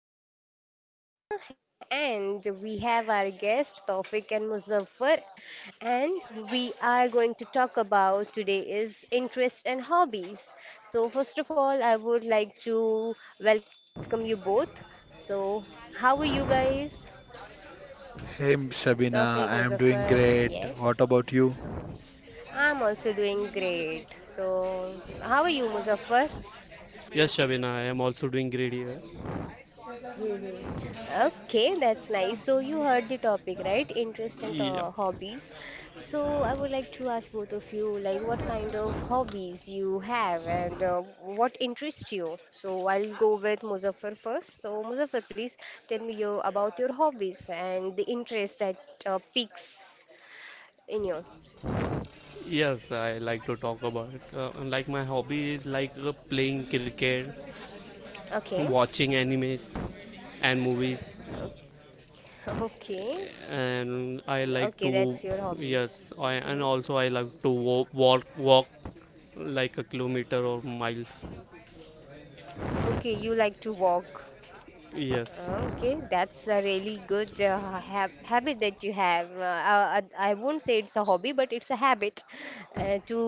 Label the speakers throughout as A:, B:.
A: your host, Shabina, and we have our guest, Tawfiq and Muzaffar. And we are going to talk about today is interest and hobbies. So, first of all, I would like to welcome you both. So, how are you guys?
B: Hey Sabina, I
A: Tawfiq,
B: am doing
A: Muzaffar,
B: great.
A: yes.
B: What about you?
A: I'm also doing great. So, how are you, Muzaffar?
C: Yes, Shabina, I am also doing great here.
A: Hmm. Okay, that's nice. So you heard the topic, right? Interest and
C: Yeah.
A: hobbies. So I would like to ask both of you, like, what kind of hobbies you have and what interests you? So I'll go with Muzaffar first. So Muzaffar, please tell me your about your hobbies and the interest that piques in you.
C: Yes, I like to talk about it. My hobby is playing cricket,
A: Okay.
C: watching animes and movies,
A: Okay. Okay,
C: and I
A: okay,
C: like
A: that's your
C: to
A: hobbies.
C: yes,
A: Hmm.
C: and also I like to walk like a kilometer or miles.
A: Okay, you like to walk.
C: Yes,
A: Okay, that's a really good habit that you have. I won't say it's a hobby, but it's a habit to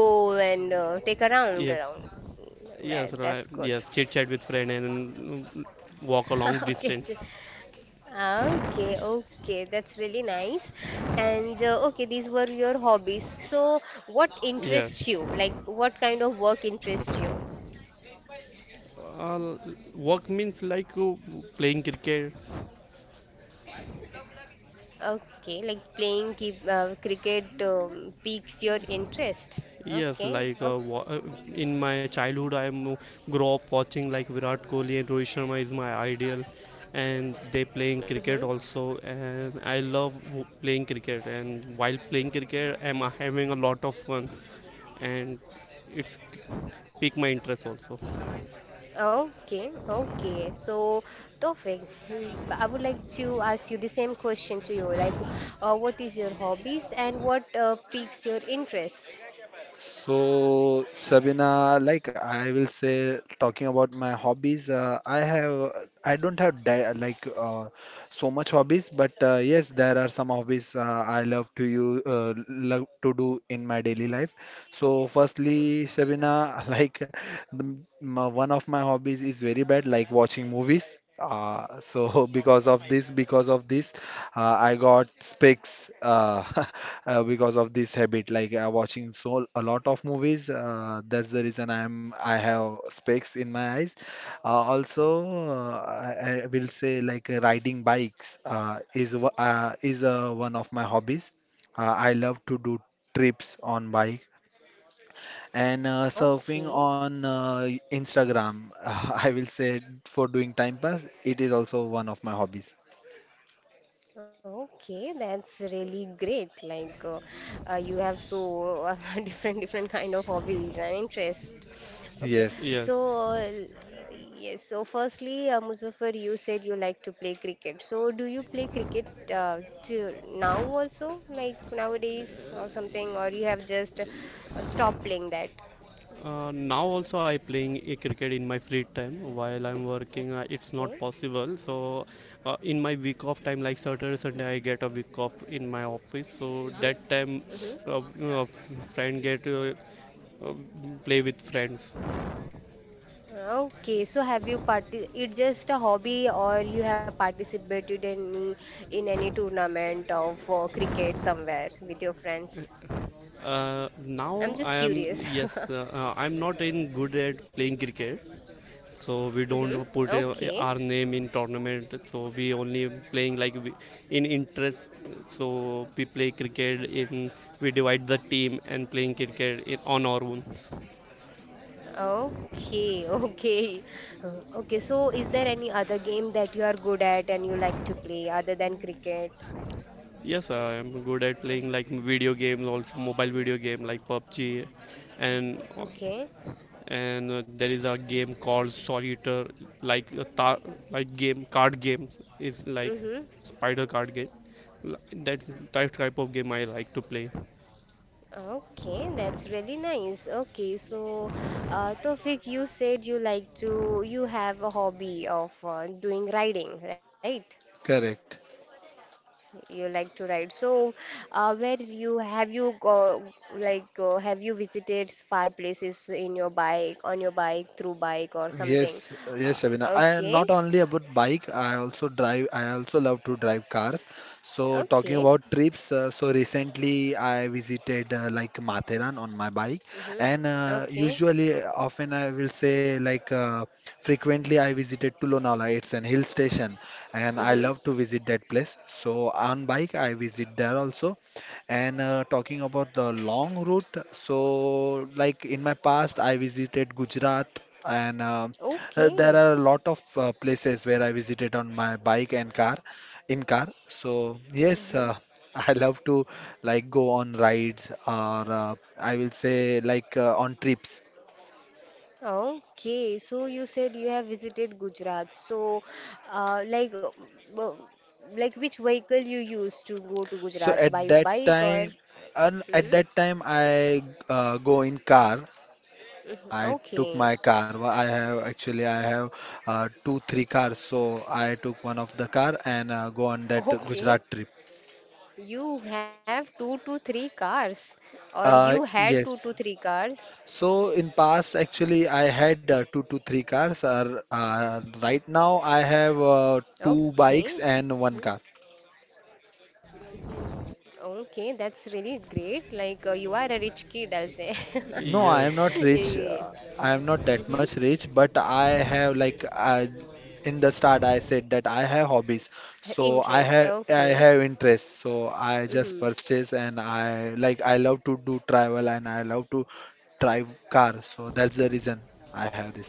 A: go and take a round
C: yes,
A: around.
C: yes,
A: Well,
C: right.
A: that's good.
C: Yes, chit chat with friend and walk a long
A: Okay, ch-
C: distance.
A: okay, okay, that's really nice. And okay, these were your hobbies. So, what interests
C: Yes.
A: you? Like, what kind of work interests you?
C: Uh, work means playing cricket.
A: Okay, like playing cricket piques your interest.
C: Yes,
A: Okay,
C: like uh,
A: okay.
C: wa- uh, in my childhood, grew up watching like Virat Kohli, and Rohit Sharma is my ideal, and they playing
A: Mm-hmm.
C: cricket also, and I love playing cricket. And while playing cricket, I'm having a lot of fun, and it's pique my interest also.
A: Okay, okay. So, Tofik, I would like to ask you the same question to you. Like, what is your hobbies and what piques your interest?
B: So, Sabina, like I will say, talking about my hobbies, I have, I don't have di like so much hobbies, but yes, there are some hobbies I love to you love to do in my daily life. So, firstly, Sabina, like one of my hobbies is very bad, like watching movies. So because of this, I got specs. Because of this habit like watching so a lot of movies, that's the reason I have specs in my eyes. Also, I will say like riding bikes is one of my hobbies. I love to do trips on bike and surfing
A: Okay.
B: on instagram I will say for doing time pass, it is also one of my hobbies.
A: Okay, that's really great. Like you have so different different kind of hobbies and interest. Okay,
B: Yes.
A: so
C: Yes.
A: yes. So firstly, Muzaffar, you said you like to play cricket. So do you play cricket to now also, like nowadays or something, or you have just stopped playing that?
C: Now also I playing a cricket in my free time. While I'm working, uh,
A: Okay.
C: it's not possible. So in my week off time, like Saturday, Sunday, I get a week off in my office.
A: Mm-hmm.
C: So that time,
A: Mm-hmm.
C: uh, uh, friend get uh, play with friends.
A: Okay, so have you parti it's just a hobby or you have participated in any tournament of cricket somewhere with your friends? I'm
C: Now
A: just
C: I
A: curious.
C: am yes, I'm not in good at playing cricket. So we
A: Mm-hmm.
C: don't put
A: Okay.
C: our name in tournament, so we only playing like we, in interest, so we play cricket in, we divide the team and playing cricket in, on our own.
A: Okay, okay. Okay, so is there any other game that you are good at and you like to play other than cricket?
C: Yes, I am good at playing like video games also, mobile video game like PUBG, and
A: Okay.
C: there is a game called solitaire, like uh, ta- like game card games is like
A: Mm-hmm.
C: spider card game. L- that type of game I like to play.
A: Okay, that's really nice. Okay, so Tofik, you said you have a hobby of doing riding, right?
B: Correct.
A: You like to ride. So, where you have you go, like have you visited far places on your bike, through bike or something?
B: Yes, Shabina. I
A: Okay,
B: not only about bike, I also drive. I also love to drive cars. So talking
A: okay,
B: about trips, so recently I visited like Matheran on my bike,
A: mm-hmm.
B: and
A: Okay,
B: usually, often I will say like frequently I visited to Lonavala. It's an hill station, and I love to
A: mm-hmm.
B: visit that place. So on bike I visit there also, and talking about the long route, so like in my past, I visited Gujarat, and there
A: Okay.
B: are a lot of places where I visited on my bike and car, in car. So yes,
A: Mm-hmm.
B: I love to like go on rides, or I will say like on trips.
A: Okay, so you said you have visited Gujarat. So, like, w- like which vehicle you use to go to
B: So
A: Gujarat? By
B: at that
A: bike or?
B: time, and at
A: Hmm.
B: that time I uh, go in car I took
A: Okay,
B: my car. I have, actually, I have two three cars, so I took one of the car and go on that
A: okay.
B: Gujarat trip.
A: You have two to three cars, or you had two to
B: Yes.
A: three cars.
B: So in past, actually, I had two to three cars. Right now,
A: Okay.
B: I have
A: Mhm.
B: two bikes and one car.
A: Okay, that's really great. Like, you are a rich kid, I'll say.
B: No, I
C: Yes.
B: am not
A: Yeah.
B: rich. I am
A: hmm
B: not that much rich, but I have like in the start I said that I have hobbies. So
A: Interest, okay.
B: I have interests. So I just
A: Mm-hmm.
B: purchase and I love to do travel, and I love to drive car. So that's the reason I have this.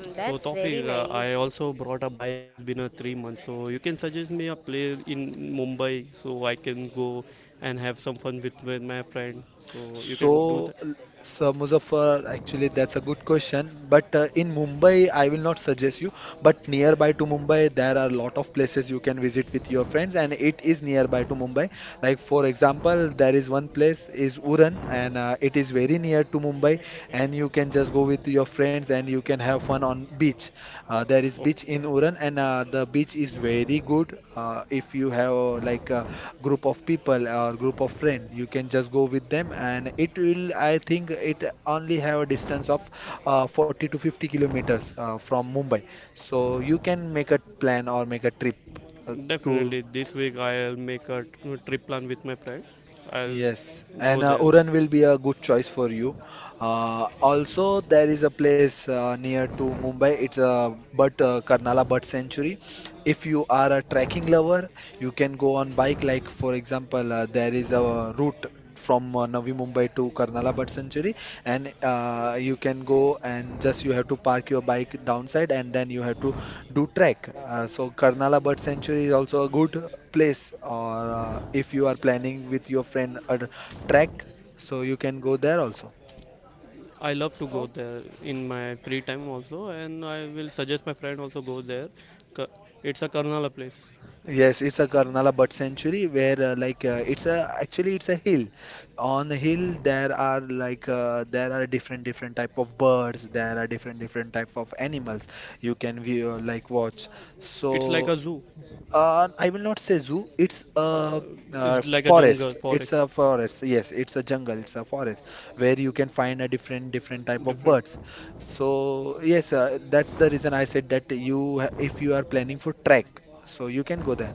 A: Mm,
C: So
A: That's
C: Tawfiq,
A: very nice.
C: I also brought a bike. It's been a 3 months, so you can suggest me a place in Mumbai so I can go and have some fun with my friend. So you can do
B: So,
C: that.
B: l- so, Muzaffar, actually, that's a good question. But in Mumbai, I will not suggest you. But nearby to Mumbai, there are a lot of places you can visit with your friends, and it is nearby to Mumbai. Like for example, there is one place is Uran, and it is very near to Mumbai, and you can just go with your friends, and you can have fun on beach. There is beach in
C: Okay,
B: Uran, and the beach is very good. If you have like a group of people or group of friend, you can just go with them, and it will. I think it only have a distance of 40 to 50 kilometers from Mumbai, so you can make a plan or make a trip uh, to.
C: definitely. This week I'll make a trip plan with my friend. I'll
B: Yes, and
C: go there.
B: Uran will be a good choice for you. Also, there is a place near to Mumbai. It's a But Karnala Bird Sanctuary. If you are a trekking lover, you can go on bike. Like for example, there is a route from Navi Mumbai to Karnala Bird Sanctuary, and you can go and just you have to park your bike downside, and then you have to do trek. So Karnala Bird Sanctuary is also a good place, or if you are planning with your friend a trek, so you can go there also.
C: I love to go
A: Oh,
C: there in my free time also, and I will suggest my friend also go there. Ka- It's a Karnala place.
B: Yes, it's a Karnala Bird Sanctuary where like it's a actually it's a hill. On the hill there are like there are different different type of birds. There are different different type of animals you can view like watch.
C: It's like
B: So.
C: a zoo.
B: I will not say zoo. It's a
C: Is like a jungle
B: forest. It's
C: forest.
B: a forest. Yes, it's a jungle. It's a forest where you can find a different different type of
C: Different,
B: birds. So yes, that's the reason I said that you ha- if you are planning for trek, so you can go there.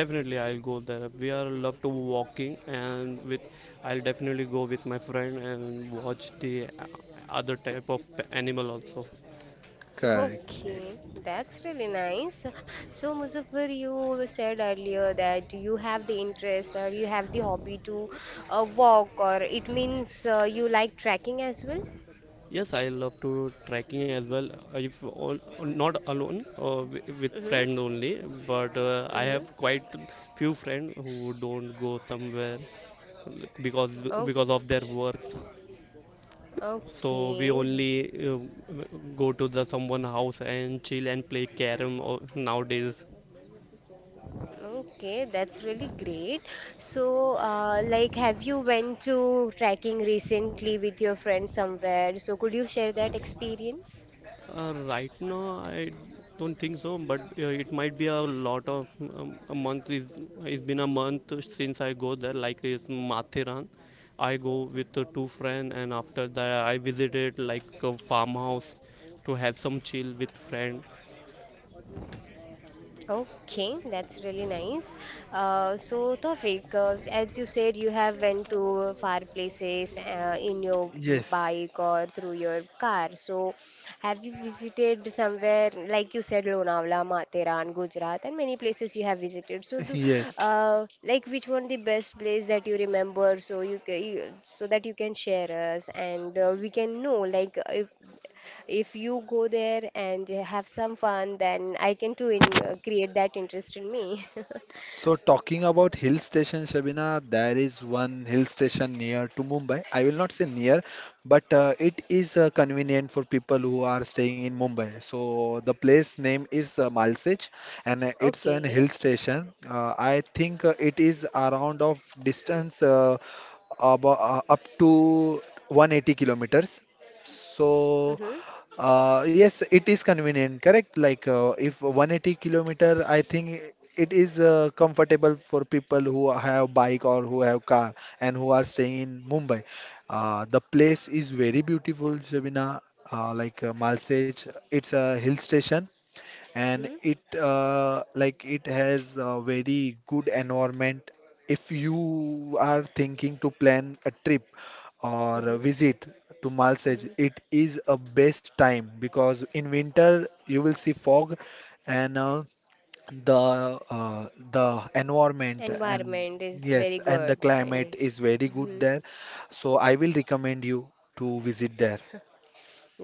C: definitely I'll go there. We are love to walking, and with, I'll definitely go with my friend and watch the uh, other type of animal also.
B: Correct. If,
A: okay. That's really nice. So, Muzaffar, you said earlier that you have the interest or you have the hobby to walk, or it means you like trekking as well?
C: Yes, I love to trekking as well. If all, Not alone, with
A: Mm-hmm.
C: friends only. But I have
A: Mm-hmm.
C: quite few friends who don't go somewhere because
A: Oh,
C: because of their work. So we
A: okay.
C: only go to the someone house and chill and play carom or, nowadays,
A: Okay, that's really great. So, like, have you went to trekking recently with your friend somewhere? So, could you share that experience?
C: right now I don't think so, but it might be a lot of, a month is, it's been a month since I go there. Like it's Mathiran, I go with the two friend, and after that I visited like a farmhouse to have some chill with friend.
A: Okay, that's really nice. So, Tawfiq, as you said, you have went to far places in your
B: Yes,
A: bike or through your car. So, have you visited somewhere like you said, Lonavala, Matheran, Gujarat, and many places you have visited? So, do
B: yes.
A: like which one the best place that you remember? So you so that you can share us, and we can know like if you go there and have some fun, then I can too create that interest in me.
B: So talking about hill station, Shabina, there is one hill station near to Mumbai. I will not say near, but it is convenient for people who are staying in Mumbai. So the place name is Malsej, and it's an
A: Okay.
B: hill station. I think it is around of distance about, up to 180 kilometers.
A: Mm-hmm.
B: So yes, it is convenient, correct? Like if 180 kilometer, I think it is comfortable for people who have bike or who have car, and who are staying in Mumbai. The place is very beautiful, Shabina. Like Malsej, it's a hill station, and
A: Mm-hmm.
B: it like it has a very good environment if you are thinking to plan a trip or a
A: Mm-hmm.
B: visit to Malsej.
A: Mm-hmm.
B: It is a best time because in winter you will see fog, and the environment. And
A: Environment is
B: yes,
A: very
B: and the
A: good. Yeah.
B: climate is very good
A: Mm-hmm.
B: there, so I will recommend you to visit there.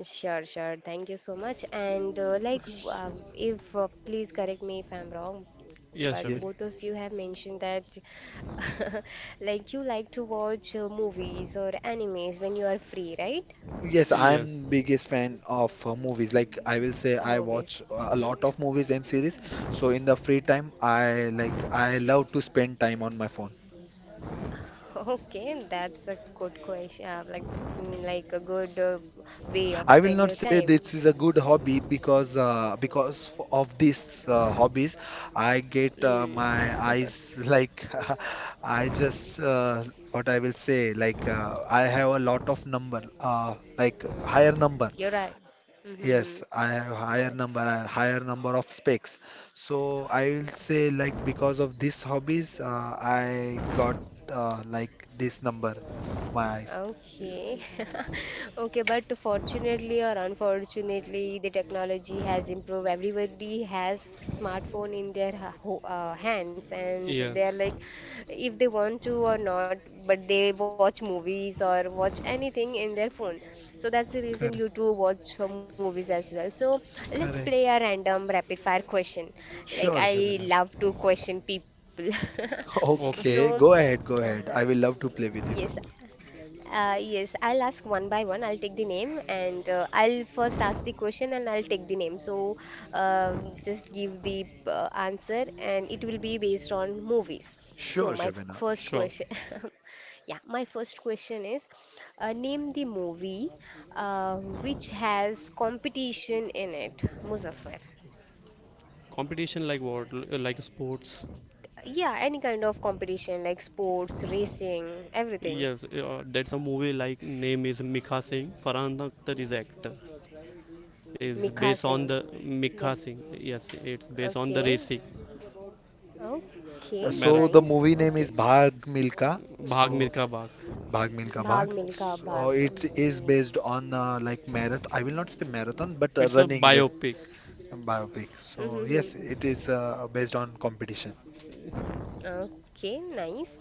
A: Sure, sure. Thank you so much. And like, if please correct me if I'm wrong, but both
C: Yes,
A: of you
C: Shabina.
A: have
B: Yes.
A: mentioned that like you like to watch movies or animes when you are free, right?
B: Yes,
C: Yes.
B: I'm biggest fan of movies. Like I will say, I
A: Movies.
B: watch a
A: Mm-hmm.
B: lot of movies and series. So in the free time, I love to spend time on my phone.
A: Okay, that's a good question. Like, like a good way of
B: I will
A: spend
B: not
A: your
B: say
A: time.
B: this is a good hobby because of these hobbies, I get
A: Mm.
B: my eyes like I just what I will say like I have a lot of number, like
A: Mm,
B: higher number.
A: you're right. Mm-hmm.
B: Yes,
A: Right.
B: I have higher number of specs. So I will say like because of these hobbies, I got like this number of my eyes.
A: Okay.
C: Yes.
A: Okay, but fortunately or unfortunately, the technology has improved. Everybody has smartphone in their hands, and they're
C: Yes.
A: like, if they want to or not, but they watch movies or watch anything in their phone. So that's the reason
B: Correct,
A: you two watch movies as well. So let's play
B: correct.
A: a random rapid fire question. Like
B: Sure,
A: I
B: Shabana.
C: Sh-
A: love to question people. So,
C: Okay.
B: Okay, go ahead, go
A: uh,
B: ahead. I will love to play with you.
A: yes, yes, I'll ask one by one. I'll take the name and I'll first ask the question and I'll take the name. So uh, just give the answer and it will be based on movies. So
B: Sure,
A: my
B: Shabana.
A: first
C: Sure.
A: question, yeah, my first question is name the movie which has competition in it, Muzaffar.
C: Competition like what? Like sports?
A: Yeah, any kind of competition like sports, racing, everything.
C: Yes. That's a movie like name is Mikha Singh. Farhan Akhtar is actor. Is
A: Mikha
C: based on
A: Singh.
C: the Mikha
A: Yeah,
C: Singh. Yes. It's based on the
A: okay.
C: racing
A: Okay,
B: So
A: nice.
B: the
C: marathon.
B: movie
A: Okay.
B: name is Bhag Milka.
C: Bhag
B: So
C: Mirka Bhag.
B: Bhag Milka
A: Bhag
B: Bhag.
A: Milka Bhag.
B: So
A: Um,
B: it is
A: ye.
B: based on like marathon. I will not say marathon, but
C: It's a
B: running race.
C: biopic.
B: Biopic. So
A: Mhm.
B: yes, it is based on competition.
A: Okay, nice.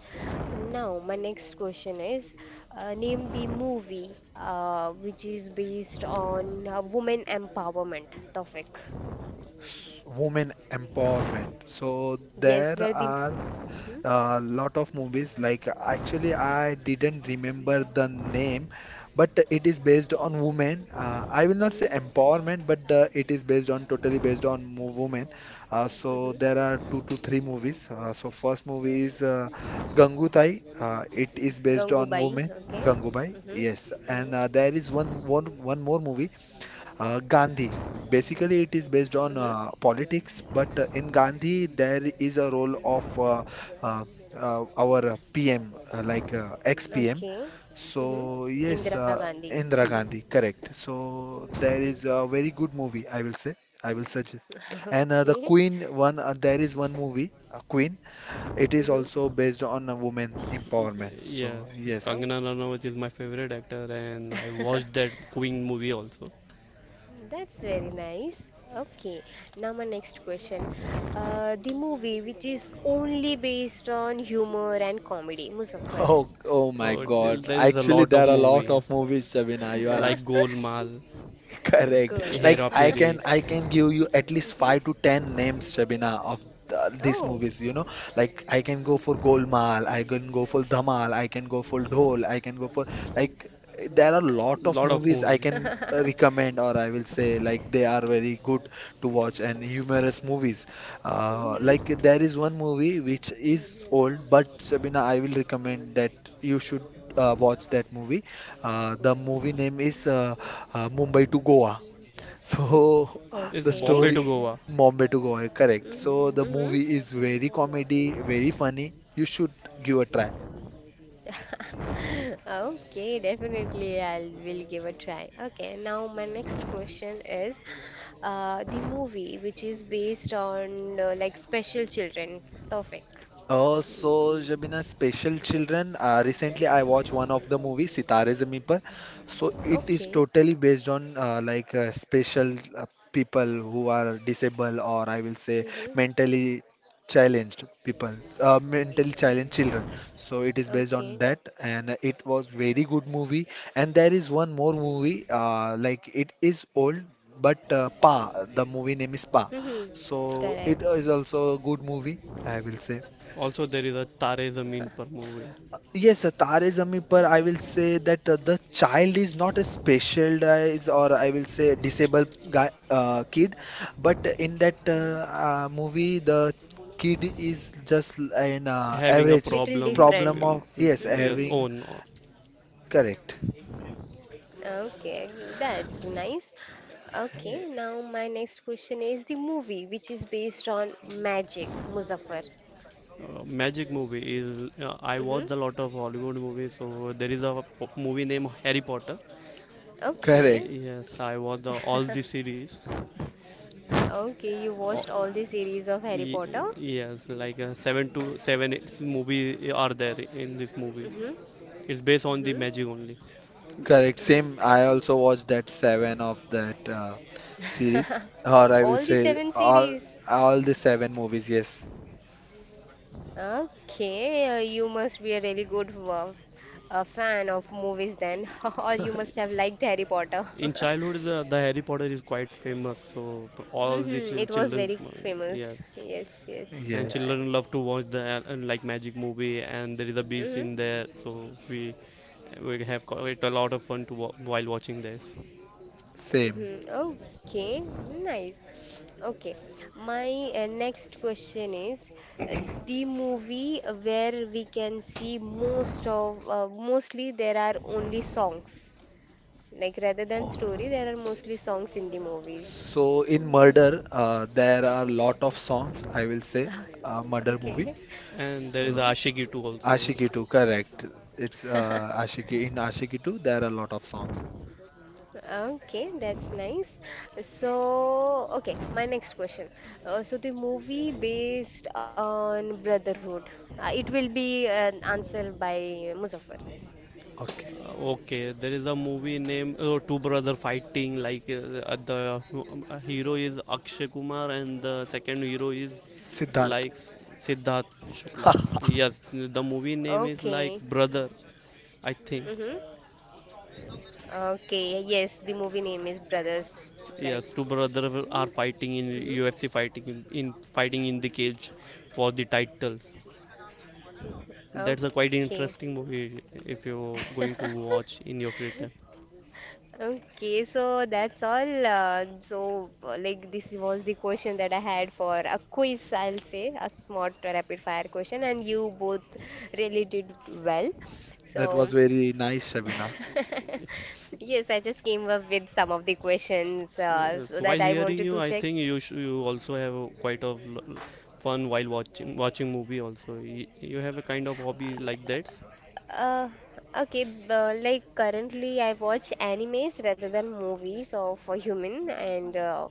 A: Now, my next question is name the movie which is based on women empowerment topic.
B: Women empowerment. So
A: Yes,
B: there
A: where the.
B: are
A: Mm-hmm,
B: a lot of movies. Like actually, I didn't remember the name, but it is based on women. I will not say
A: mm-hmm,
B: empowerment, but it is based on totally based on women. So
A: mm-hmm.
B: there are two to three movies. So first movie is Gangubai. It is based on
A: Gangubai,
B: women.
A: okay.
B: Gangubai,
A: Mm-hmm,
B: yes, and
A: mm-hmm,
B: there is one more movie, Gandhi. Basically, it is based on
A: mm-hmm.
B: politics, but in Gandhi, there is a role of uh, our PM, like ex-PM.
A: Okay. Mm-hmm.
B: So, yes,
A: Indira Gandhi.
B: Indira Gandhi, correct. So, there is a very good movie, I will say. I will suggest.
A: Mm-hmm.
B: And the
A: Okay.
B: Queen one, there is one movie, Queen. It is
A: Mm-hmm.
B: also based on a woman empowerment. So,
C: Yes,
B: yes.
C: Kangana Ranaut is my favorite actor, and I watched that Queen movie also.
A: That's very nice. Okay, now my next question. The movie which is only based on humor and comedy, Muzaffar.
B: Oh, oh my
C: Oh,
B: God.
C: there is a
B: Actually,
C: lot
B: there
C: of
B: are a lot
C: movie
B: of movies, Shabina. You are
C: like Golmaal,
B: correct. Like
A: Golwa.
C: Hera Feri,
B: I can give you at least
A: Hmm.
B: five to ten names, Shabina, of these
A: Oh.
B: movies. Like I can go for Golmaal, I can go for Dhamal, I can go for Dhol, I can go for like there are a lot of
C: lot of
B: movies I
C: movie.
B: can recommend, or I will say like they are very good to watch and humorous movies.
A: Hmm.
B: Like there is one movie which is old, but Shabina, I will recommend that you should watch that movie. The movie name is Mumbai to Goa. So
C: It's
B: the
A: Okay.
C: Bombay
B: story,
C: to Goa.
B: Bombay to Goa, correct. So the
A: Mm-hmm.
B: movie is very comedy, very funny. You should give a try.
A: Okay, definitely I'll will give a try. Okay, now my next question is the movie which is based on like special children, Tawfiq.
B: So Jabina, special children. Recently, I watched one of the movie Sitare Zameen Par. So it is
A: Okay.
B: totally based on like special people who are disabled, or I will say
A: Mm-hmm.
B: mentally challenged people, mentally challenged children. So it is based on
A: Okay.
B: that, and it was very good movie. And there is one more movie. Like it is old, but Pa. The movie name is Pa.
A: Mm-hmm.
B: So it
A: Correct.
B: is also a good movie, I will say.
C: Also, there is a Tare Zameen Par movie.
B: Yes, Tare Zameen Par, I
A: Yes.
B: will say that the child is not a specialized, or I will say disabled guy, kid, but in that
A: Mm-hmm.
B: movie, the kid is just an
C: Having a
B: average
A: Little
C: problem,
A: different.
B: problem of, yes,
C: yes,
A: Mm-hmm.
B: having,
C: own.
B: correct,
A: Okay, that's nice. Okay, now my next question is the movie which is based on magic, Muzaffar.
C: Magic movie is, I
A: Mm-hmm.
C: watched a lot of Hollywood movies. So there is a movie named Harry Potter.
B: correct,
A: Okay.
C: Yes, I watched all the series.
A: Okay, you
C: All,
A: watched all the series of Harry
C: y-
A: Potter?
C: yes, like 7 to 7, 8 movie are there in this movie.
A: Mm-hmm.
C: It's based on the
A: Mm-hmm.
C: magic only.
B: correct. Same,
A: No.
B: I also watched that seven of that series, or I will
A: All the
B: say
A: seven series.
B: all the seven movies, yes,
A: Okay, you must be a really good a fan of movies then, or you must have liked Harry Potter.
C: In childhood, the Harry Potter is quite famous. So all the
A: Mm-hmm. It was
C: children,
A: very famous.
C: yes,
A: Yes, yes.
C: and
B: yes,
C: children love to watch the like magic movie, and there is a beast
A: Mm-hmm.
C: in there, so we have quite a lot of fun to while watching this.
B: same.
A: Hmm. Okay, nice. Okay, my next question is uh, the movie where we can see mostly there are only songs. Like rather than story, there are mostly songs in the movies.
B: So in Murder, there are lot of songs, I will say, Murder movie.
A: Okay.
C: And there is
B: So,
C: Ashiki too, also.
B: Aashiqui 2, correct. It's Aashiqui. In Aashiqui 2, there are a lot of songs.
A: Okay, that's nice. So, okay, my next question. So the movie based on Brotherhood. It will be an answer by Muzaffar.
B: Okay.
C: Okay, there is a movie named two brother fighting, like the hero is Akshay Kumar, and the second hero is
B: Siddharth.
C: like Siddharth Shukla. Yes, the movie name is like
A: Okay.
C: Brother, I think.
A: Mm-hmm. Okay. Yes, the movie name is Brothers.
C: Yes,
A: Correct.
C: two brothers are fighting in UFC,
A: Mm-hmm.
C: fighting in fighting in the cage for the titles. That's a quite
A: Okay.
C: interesting movie if you're going to watch in your free time.
A: Okay, so that's all. So, like, this was the question that I had for a quiz, I'll say, a smart rapid fire question, and you both really did well. So,
B: That was very nice, Shabina.
A: yes, I just came up with some of the questions
C: Yes,
A: so
C: while
A: that I
C: hearing
A: wanted
C: you,
A: to
C: I
A: check.
C: think you you also have a quite of fun while watching movie also. You have a kind of hobby like that?
A: Uh, okay, like currently I watch animes rather than movies of a human and uh,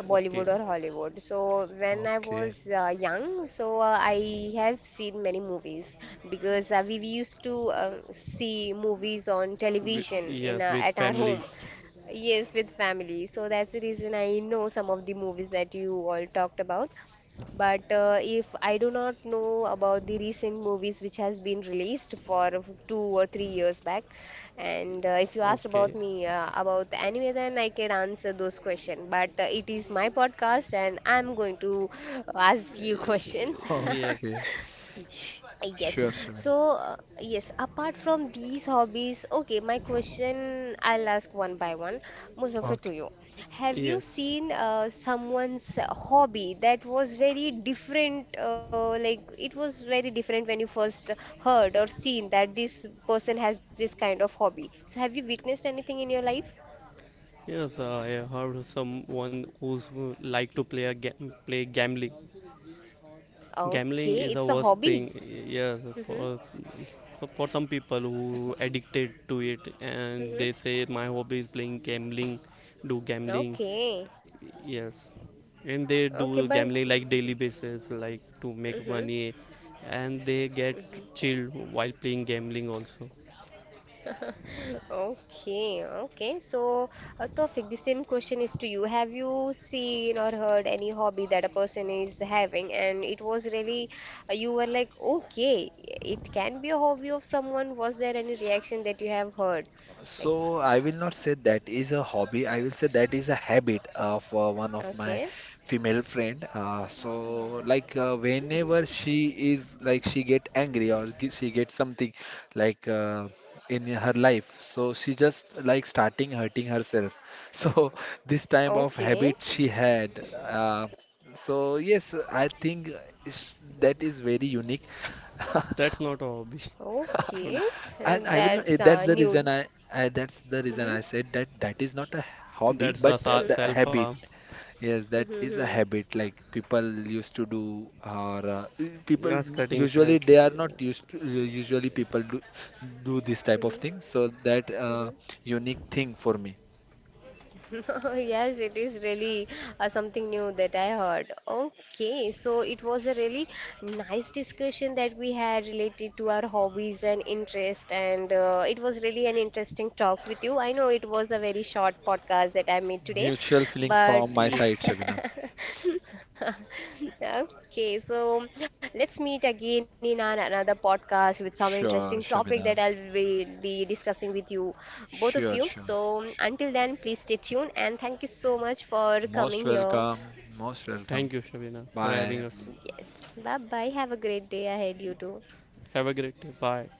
A: uh,
C: Okay.
A: Bollywood or Hollywood. So when I
B: Okay.
A: was young, so I have seen many movies because we used to see movies on television in
C: Yes, with
A: at our home.
C: families.
A: Yes, with family. So that's the reason I know some of the movies that you all talked about. But if I do not know about the recent movies which has been released for 2 or 3 years back, and if you ask about
C: Okay.
A: me about anime, then I can answer those questions. But it is my podcast, and I'm going to ask you questions.
C: Uh, yes.
B: Okay. Sh-
A: Yes.
B: sure, Shabina.
A: So, yes, apart from these hobbies, okay, my question I'll ask one by one. Muzaffar, to
B: Okay.
A: you. Have you
C: Yes,
A: seen someone's hobby that was very different, like it was very different when you first heard or seen that this person has this kind of hobby? So, have you witnessed anything in your life?
C: yes. I heard someone who's like to play a play gambling. Gambling
A: Okay,
C: is the
A: it's a
C: worst
A: hobby.
C: thing. Yes,
A: Mm-hmm.
C: for so for some people who addicted to it, and
A: Mm-hmm.
C: they say my hobby is playing gambling, do gambling.
A: Okay.
C: Yes, and they
A: Okay,
C: do
A: but.
C: gambling like daily basis, like to make
A: Mm-hmm.
C: money, and they get chilled while playing gambling also.
A: Okay, okay. So, Tawfiq, the same question is to you. Have you seen or heard any hobby that a person is having, and it was really, you were like, okay, it can be a hobby of someone. Was there any reaction that you have heard? Like,
B: So I will not say that is a hobby. I will say that is a habit of one of my
A: okay,
B: female friend. So like whenever she is like she get angry or she get something like in her life, so she just like starting hurting herself. So this type of
A: okay,
B: habit she had. So yes, I think that is very unique.
C: That's not a hobby.
A: okay.
B: And I will not.
A: That's
B: That's the
A: new.
B: reason I. That's the reason
A: Mm-hmm,
B: I said that that is not a hobby,
C: That's the
B: but
A: mm-hmm,
B: the
C: cell
B: habit.
C: farm.
B: Yes, that
A: mm-hmm,
B: is a
A: mm-hmm.
B: habit. Like people used to do, or people
C: Yes, cutting cell.
B: usually they are
C: Yeah.
B: not used to. Usually people do this type of thing. So that
A: Mm-hmm.
B: unique thing for me.
A: Yes, it is really something new that I heard. Okay, so it was a really nice discussion that we had related to our hobbies and interest, and it was really an interesting talk with you. I know it was a very short podcast that I made today,
B: Mutual feeling
A: but
B: from my side,
C: Yes.
B: Shabina.
A: okay, so let's meet again in another podcast with some
B: Sure,
A: interesting topic
B: Shabina.
A: that I'll be discussing with you both
B: Sure,
A: of you,
B: sure.
A: so
B: Sh-
A: until then please stay tuned and thank you so much for
B: Most
A: coming here.
B: welcome. Most welcome.
C: Thank you, Shabina, for
B: Bye.
C: having us.
A: Yes, bye bye, have a great day ahead. You too.
C: Have a great day. Bye.